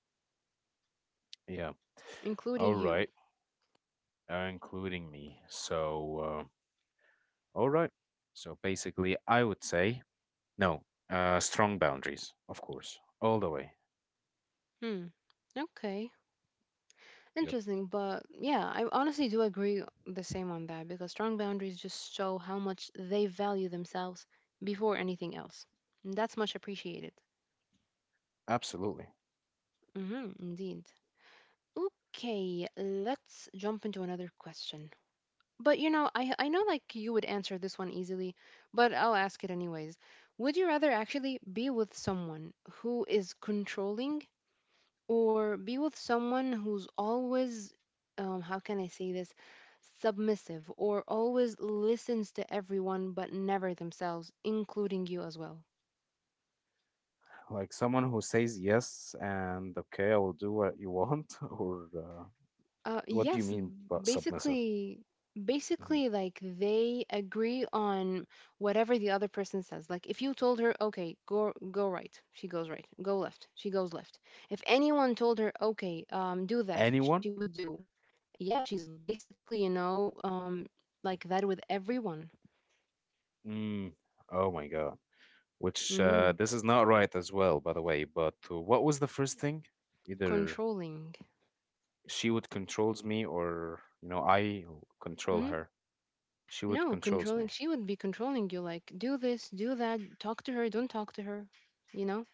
A: Yeah. All
B: including you.
A: right. Including me. So all right. So basically, I would say no, strong boundaries, of course, all the way.
B: Hmm. Okay.
A: Yep,
B: Interesting, but yeah, I honestly do agree the same on that because strong boundaries just show how much they value themselves before anything else. And that's much appreciated.
A: absolutely.
B: Mhm, indeed. Okay, let's jump into another question. But you know, I know, like, you would answer this one easily, but I'll ask it anyways. Would you rather actually be with someone who is controlling, or be with someone who's always, how can I say this? submissive, or always listens to everyone but never themselves, including you as well?
A: Like someone who says yes and okay, I will do what you want, [LAUGHS] or what do you
B: Yes,
A: mean by submissive?
B: basically,
A: Mhm.
B: basically, like they agree on whatever the other person says. Like if you told her, okay, go right, she goes right. Go left, she goes left. If anyone told her, okay, do that, she
A: Anyone?
B: would do. Yeah, she's basically, like that with everyone.
A: Mm. Oh my God. Which
B: hmm
A: this is not right as well, by the way. But what was the first thing? Either
B: Controlling.
A: she would controls me, or you know, I control
B: hmm
A: her. She would
B: No,
A: controls me.
B: controlling. She would be controlling you. Like do this, do that. Talk to her. Don't talk to her. You know.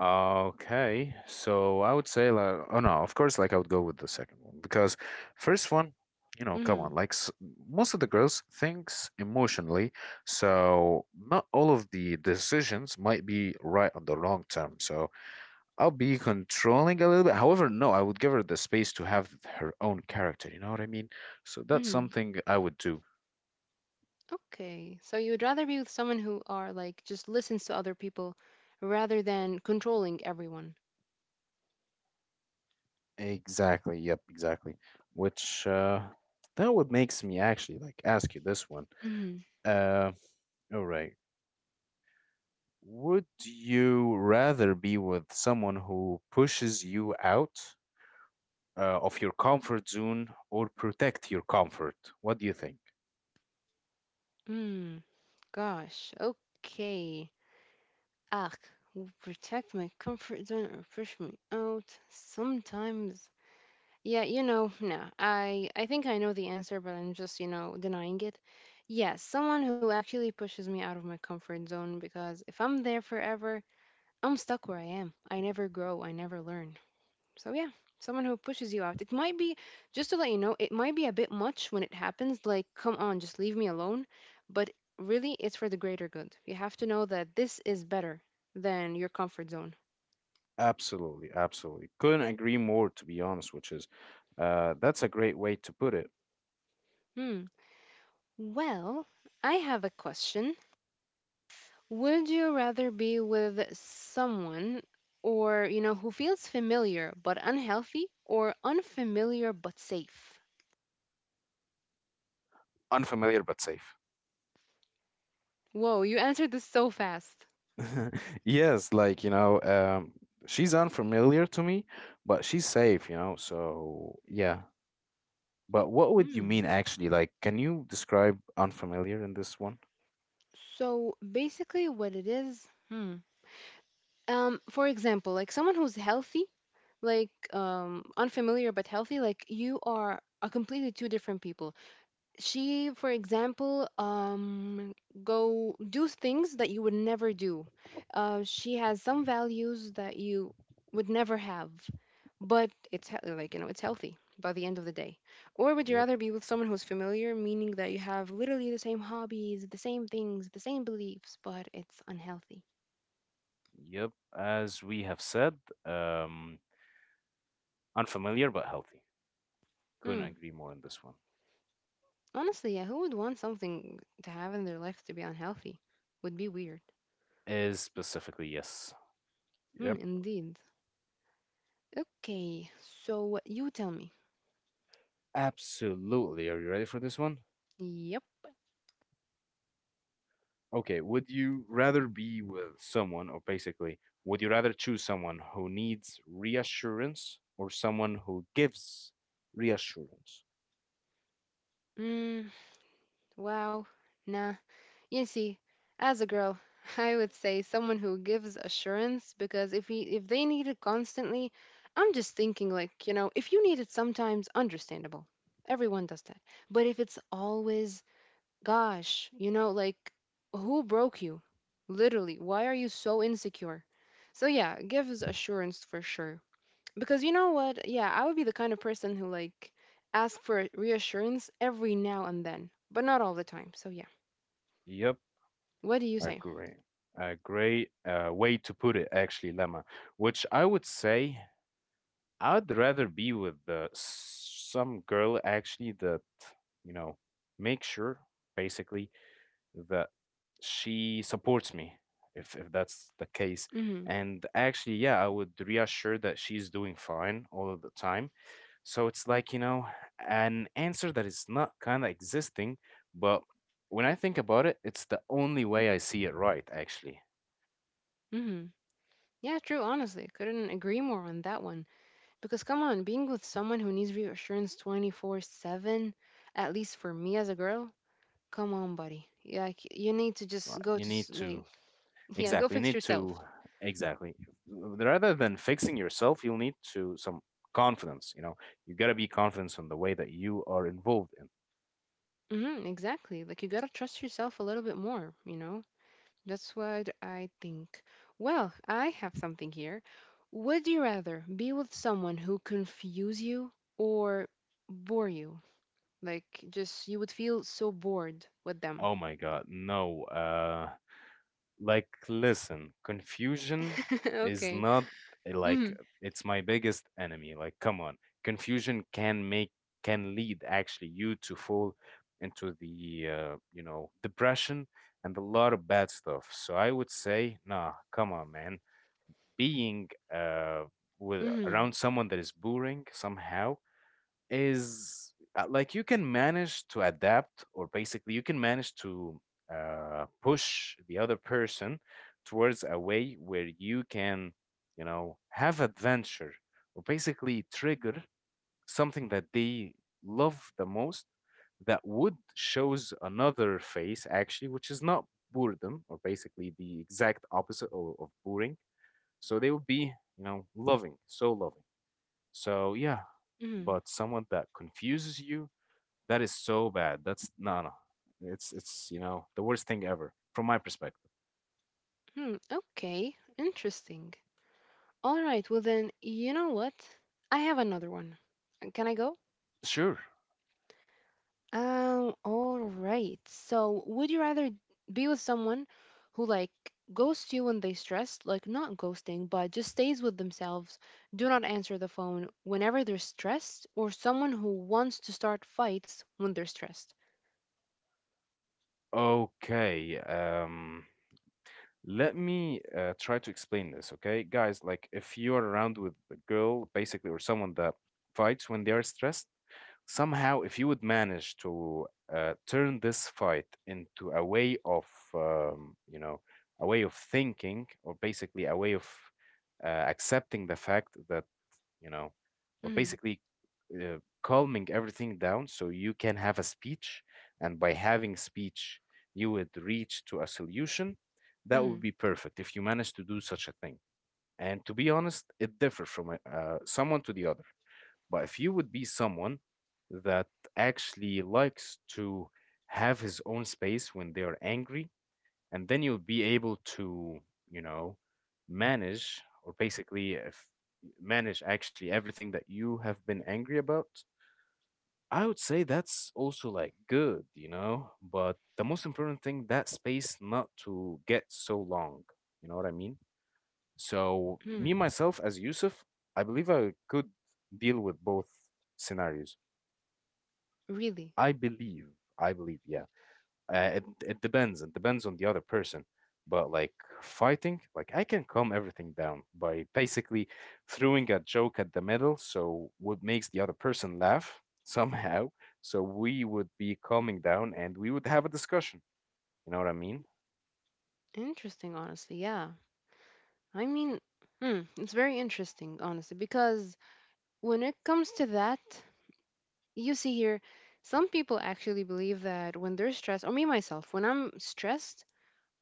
A: Okay, so I would say like, oh no, of course, like I would go with the second one because first one, you know, come on,
B: hmm
A: like s most of the girls thinks emotionally, so not all of the decisions might be right on the long term. So I'll be controlling a little bit. However, no, I would give her the space to have her own character. You know what I mean? So that's
B: hmm
A: something I would do.
B: Okay, so you would rather be with someone who are like just listens to other people rather than controlling everyone.
A: Exactly. Yep. Exactly. Which that would makes me actually like ask you this one.
B: hmm
A: Um. All right. Would you rather be with someone who pushes you out of your comfort zone or protect your comfort? What do you think?
B: Mm, gosh, okay. Ugh, will protect my comfort zone or push me out sometimes. Yeah, you know, nah, I think I know the answer, but I'm just, you know, denying it. Yes, someone who actually pushes me out of my comfort zone, because if I'm there forever, I'm stuck where I am. I never grow, I never learn. So yeah, someone who pushes you out. It might be, just to let you know, it might be a bit much when it happens, like come on, just leave me alone, but really it's for the greater good. You have to know that this is better than your comfort zone.
A: Absolutely, absolutely. Couldn't agree more, to be honest, which is that's a great way to put it.
B: Hmm. Well, I have a question. Would you rather be with someone, or, you know, who feels familiar but unhealthy, or unfamiliar but safe?
A: Unfamiliar but safe.
B: Whoa, you answered this so fast.
A: [LAUGHS] Yes, like, she's unfamiliar to me, but she's safe, you know, so yeah. But what would you
B: Hmm.
A: mean actually? Like, can you describe unfamiliar in this one?
B: So basically, what it is, hmm. For example, like someone who's healthy, like, unfamiliar but healthy, like you are completely two different people. She, for example, go do things that you would never do. She has some values that you would never have, but it's like, you know, it's healthy by the end of the day. Or would you
A: Yep.
B: rather be with someone who's familiar, meaning that you have literally the same hobbies, the same things, the same beliefs, but it's unhealthy?
A: Yep, as we have said, um, unfamiliar but healthy. Couldn't
B: Hmm.
A: agree more on this one.
B: Honestly, yeah, who would want something to have in their life to be unhealthy? Would be weird.
A: Is specifically yes.
B: Hmm,
A: Yep,
B: indeed. Okay, so you tell me.
A: absolutely. Are you ready for this one?
B: Yep.
A: Okay, would you rather be with someone, or basically, would you rather choose someone who needs reassurance or someone who gives reassurance?
B: Mm, wow. Nah. You see, as a girl, [LAUGHS] I would say someone who gives assurance, because if he, if they need it constantly, I'm just thinking like, you know, if you need it sometimes, understandable. Everyone does that. But if it's always, gosh, you know, like, who broke you? Literally, why are you so insecure? So, yeah, give us assurance for sure. Because you know what? Yeah, I would be the kind of person who, like, ask for reassurance every now and then, but not all the time. So, yeah.
A: Yep,
B: What do you say?
A: agree. A great way to put it, actually, Lemma, which I would say I'd rather be with some girl actually that, you know, make sure basically that she supports me, if that's the case.
B: Mm
A: And actually, yeah, I would reassure that she's doing fine all of the time. So it's like, you know, an answer that is not kind of existing, but when I think about it, it's the only way I see it right, actually.
B: hmm. Mm hmm. Yeah, true, honestly. Couldn't agree more on that one. Because, come on, being with someone who needs reassurance 24/7, at least for me as a girl, come on, buddy. Like, you need to just
A: Like,
B: go
A: you
B: to
A: need to
B: sleep. Yeah, go
A: exactly. You
B: fix
A: need
B: yourself.
A: to exactly rather than fixing yourself, you'll need to some confidence. You know, you gotta be confident on the way that you are involved in.
B: Exactly. Like you gotta trust yourself a little bit more, you know? That's what I think. Well, I have something here. Would you rather be with someone who confuse you, or bore you? Like just you would feel so bored with them.
A: Oh my God, no. Like, listen, confusion
B: [LAUGHS]
A: is
B: Okay.
A: not
B: hmm
A: like it's my biggest enemy. Like, come on, confusion can make can lead actually you to fall into the you know depression and a lot of bad stuff. So I would say, nah, come on, man, being with
B: hmm
A: around someone that is boring somehow is like you can manage to adapt or basically you can manage to push the other person towards a way where you can you know have adventure or basically trigger something that they love the most that would shows another face actually which is not boredom or basically the exact opposite of boring, so they would be, you know, loving. So yeah,
B: hmm
A: but someone that confuses you, that is so bad. That's no, no. It's you know the worst thing ever from my perspective.
B: Hmm. Okay. Interesting. All right. Well then, you know what? I have another one. Can I go?
A: Sure.
B: All right. So, would you rather be with someone who, like, ghosts you when they stressed, like not ghosting, but just stays with themselves, do not answer the phone whenever they're stressed, or someone who wants to start fights when they're stressed?
A: Okay. Let me try to explain this. Okay, guys. Like if you are around with a girl, basically, or someone that fights when they are stressed, somehow, if you would manage to turn this fight into a way of, you know, a way of thinking, or basically a way of accepting the fact that, you know, or
B: Mm,
A: basically uh, calming everything down so you can have a speech, and by having speech, you would reach to a solution. That
B: mm,
A: would be perfect if you manage to do such a thing. And to be honest, it differs from someone to the other. But if you would be someone that actually likes to have his own space when they are angry, and then you'll be able to, you know, manage or basically if manage actually everything that you have been angry about, I would say that's also like good, you know? But the most important thing, that space not to get so long. You know what I mean? So me
B: mm.
A: myself as Yusuf, I believe I could deal with both scenarios.
B: Really
A: I believe, I believe, yeah. It depends. It depends on the other person. But like fighting, like I can calm everything down by basically throwing a joke at the middle, so what makes the other person laugh [LAUGHS] somehow. So we would be calming down and we would have a discussion. You know what I mean?
B: interesting, honestly. Yeah. I mean, hmm, it's very interesting, honestly, because when it comes to that, you see here, some people actually believe that when they're stressed, or me myself, when I'm stressed,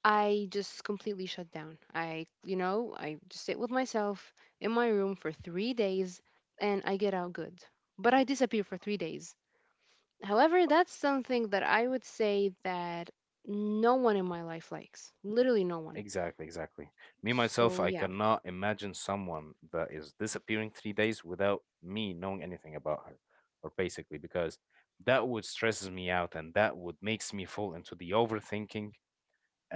B: I just completely shut down. I, you know, I just sit with myself in my room for 3 days and I get out good. But I disappear for 3 days. However, that's something that I would say that no one in my life likes. Literally no one.
A: Exactly, exactly. Me myself,
B: So,
A: I
B: yeah.
A: cannot imagine someone that is disappearing 3 days without me knowing anything about her, or basically, because that would stresses me out and that would makes me fall into the overthinking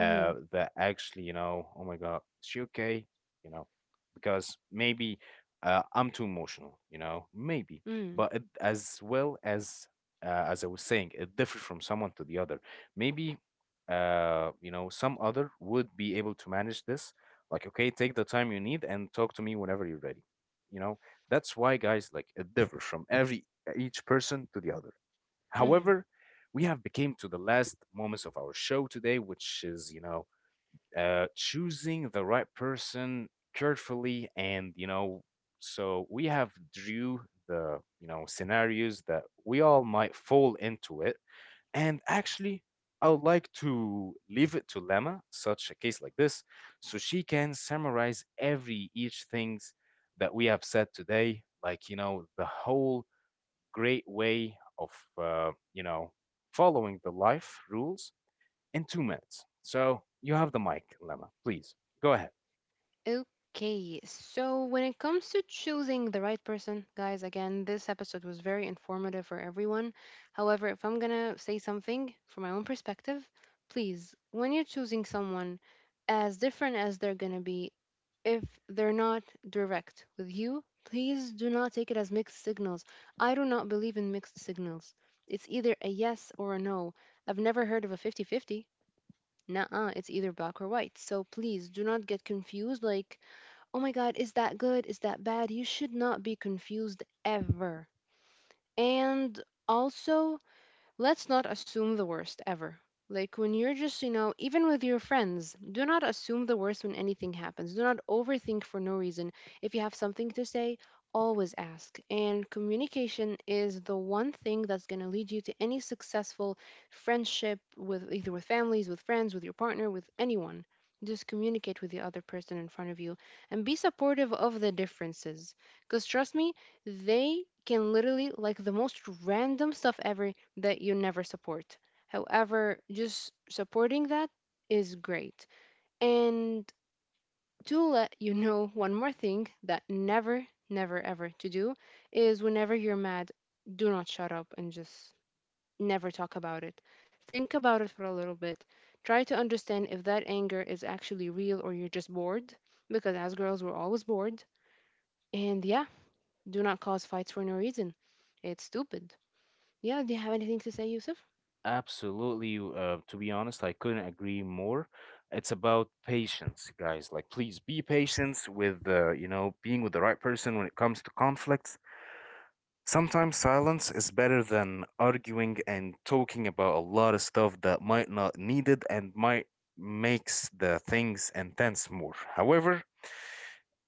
B: Mm-hmm.
A: that actually, you know, oh my God, is she okay? You know, because maybe I'm too emotional, you know, maybe.
B: Mm-hmm.
A: But it, as well as I was saying, it differs from someone to the other. Maybe you know, some other would be able to manage this. Like, okay, take the time you need and talk to me whenever you're ready. You know, that's why guys like it differs from every each person to the other.
B: Mm-hmm.
A: However, we have become to the last moments of our show today, which is, you know, choosing the right person carefully. And, you know, so we have drew the, you know, scenarios that we all might fall into it. And actually, I would like to leave it to Lema, such a case like this, so she can summarize every each things that we have said today, like, you know, the whole great way of you know following the life rules in 2 minutes. So you have the mic, Lemma. Please go ahead.
B: Okay, so when it comes to choosing the right person, guys, again, this episode was very informative for everyone. However, if I'm gonna say something from my own perspective, please, when you're choosing someone, as different as they're gonna be, if they're not direct with you, please do not take it as mixed signals. I do not believe in mixed signals. It's either a yes or a no. I've never heard of a 50-50. 50. Nuh it's either black or white. So please do not get confused. Like, oh my god, is that good? Is that bad? You should not be confused ever. And also, let's not assume the worst ever. Like when you're just, you know, even with your friends, do not assume the worst when anything happens. Do not overthink for no reason. If you have something to say, always ask. And communication is the one thing that's going to lead you to any successful friendship, with either with families, with friends, with your partner, with anyone. Just communicate with the other person in front of you and be supportive of the differences. Because trust me, they can literally, like the most random stuff ever, that you never support. However, just supporting that is great. And to let you know one more thing that never, never, ever to do is whenever you're mad, do not shut up and just never talk about it. Think about it for a little bit. Try to understand if that anger is actually real or you're just bored, because as girls, we're always bored. And yeah, do not cause fights for no reason. It's stupid. Yeah, do you have anything to say, Yusuf?
A: Absolutely. To be honest, I couldn't agree more. It's about patience, guys. Like, please be patient with the, you know, being with the right person when it comes to conflicts. Sometimes silence is better than arguing and talking about a lot of stuff that might not needed and might makes the things intense more. However,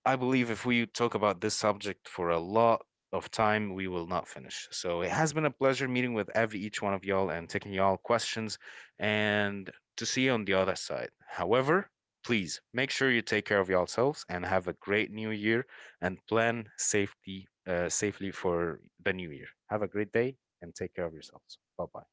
A: I believe if we talk about this subject for a lot of time, we will not finish. So it has been a pleasure meeting with every each one of y'all and taking y'all questions and to see you on the other side. However, please make sure you take care of yourselves and have a great new year and plan safety safely for the new year. Have a great day and take care of yourselves. Bye bye.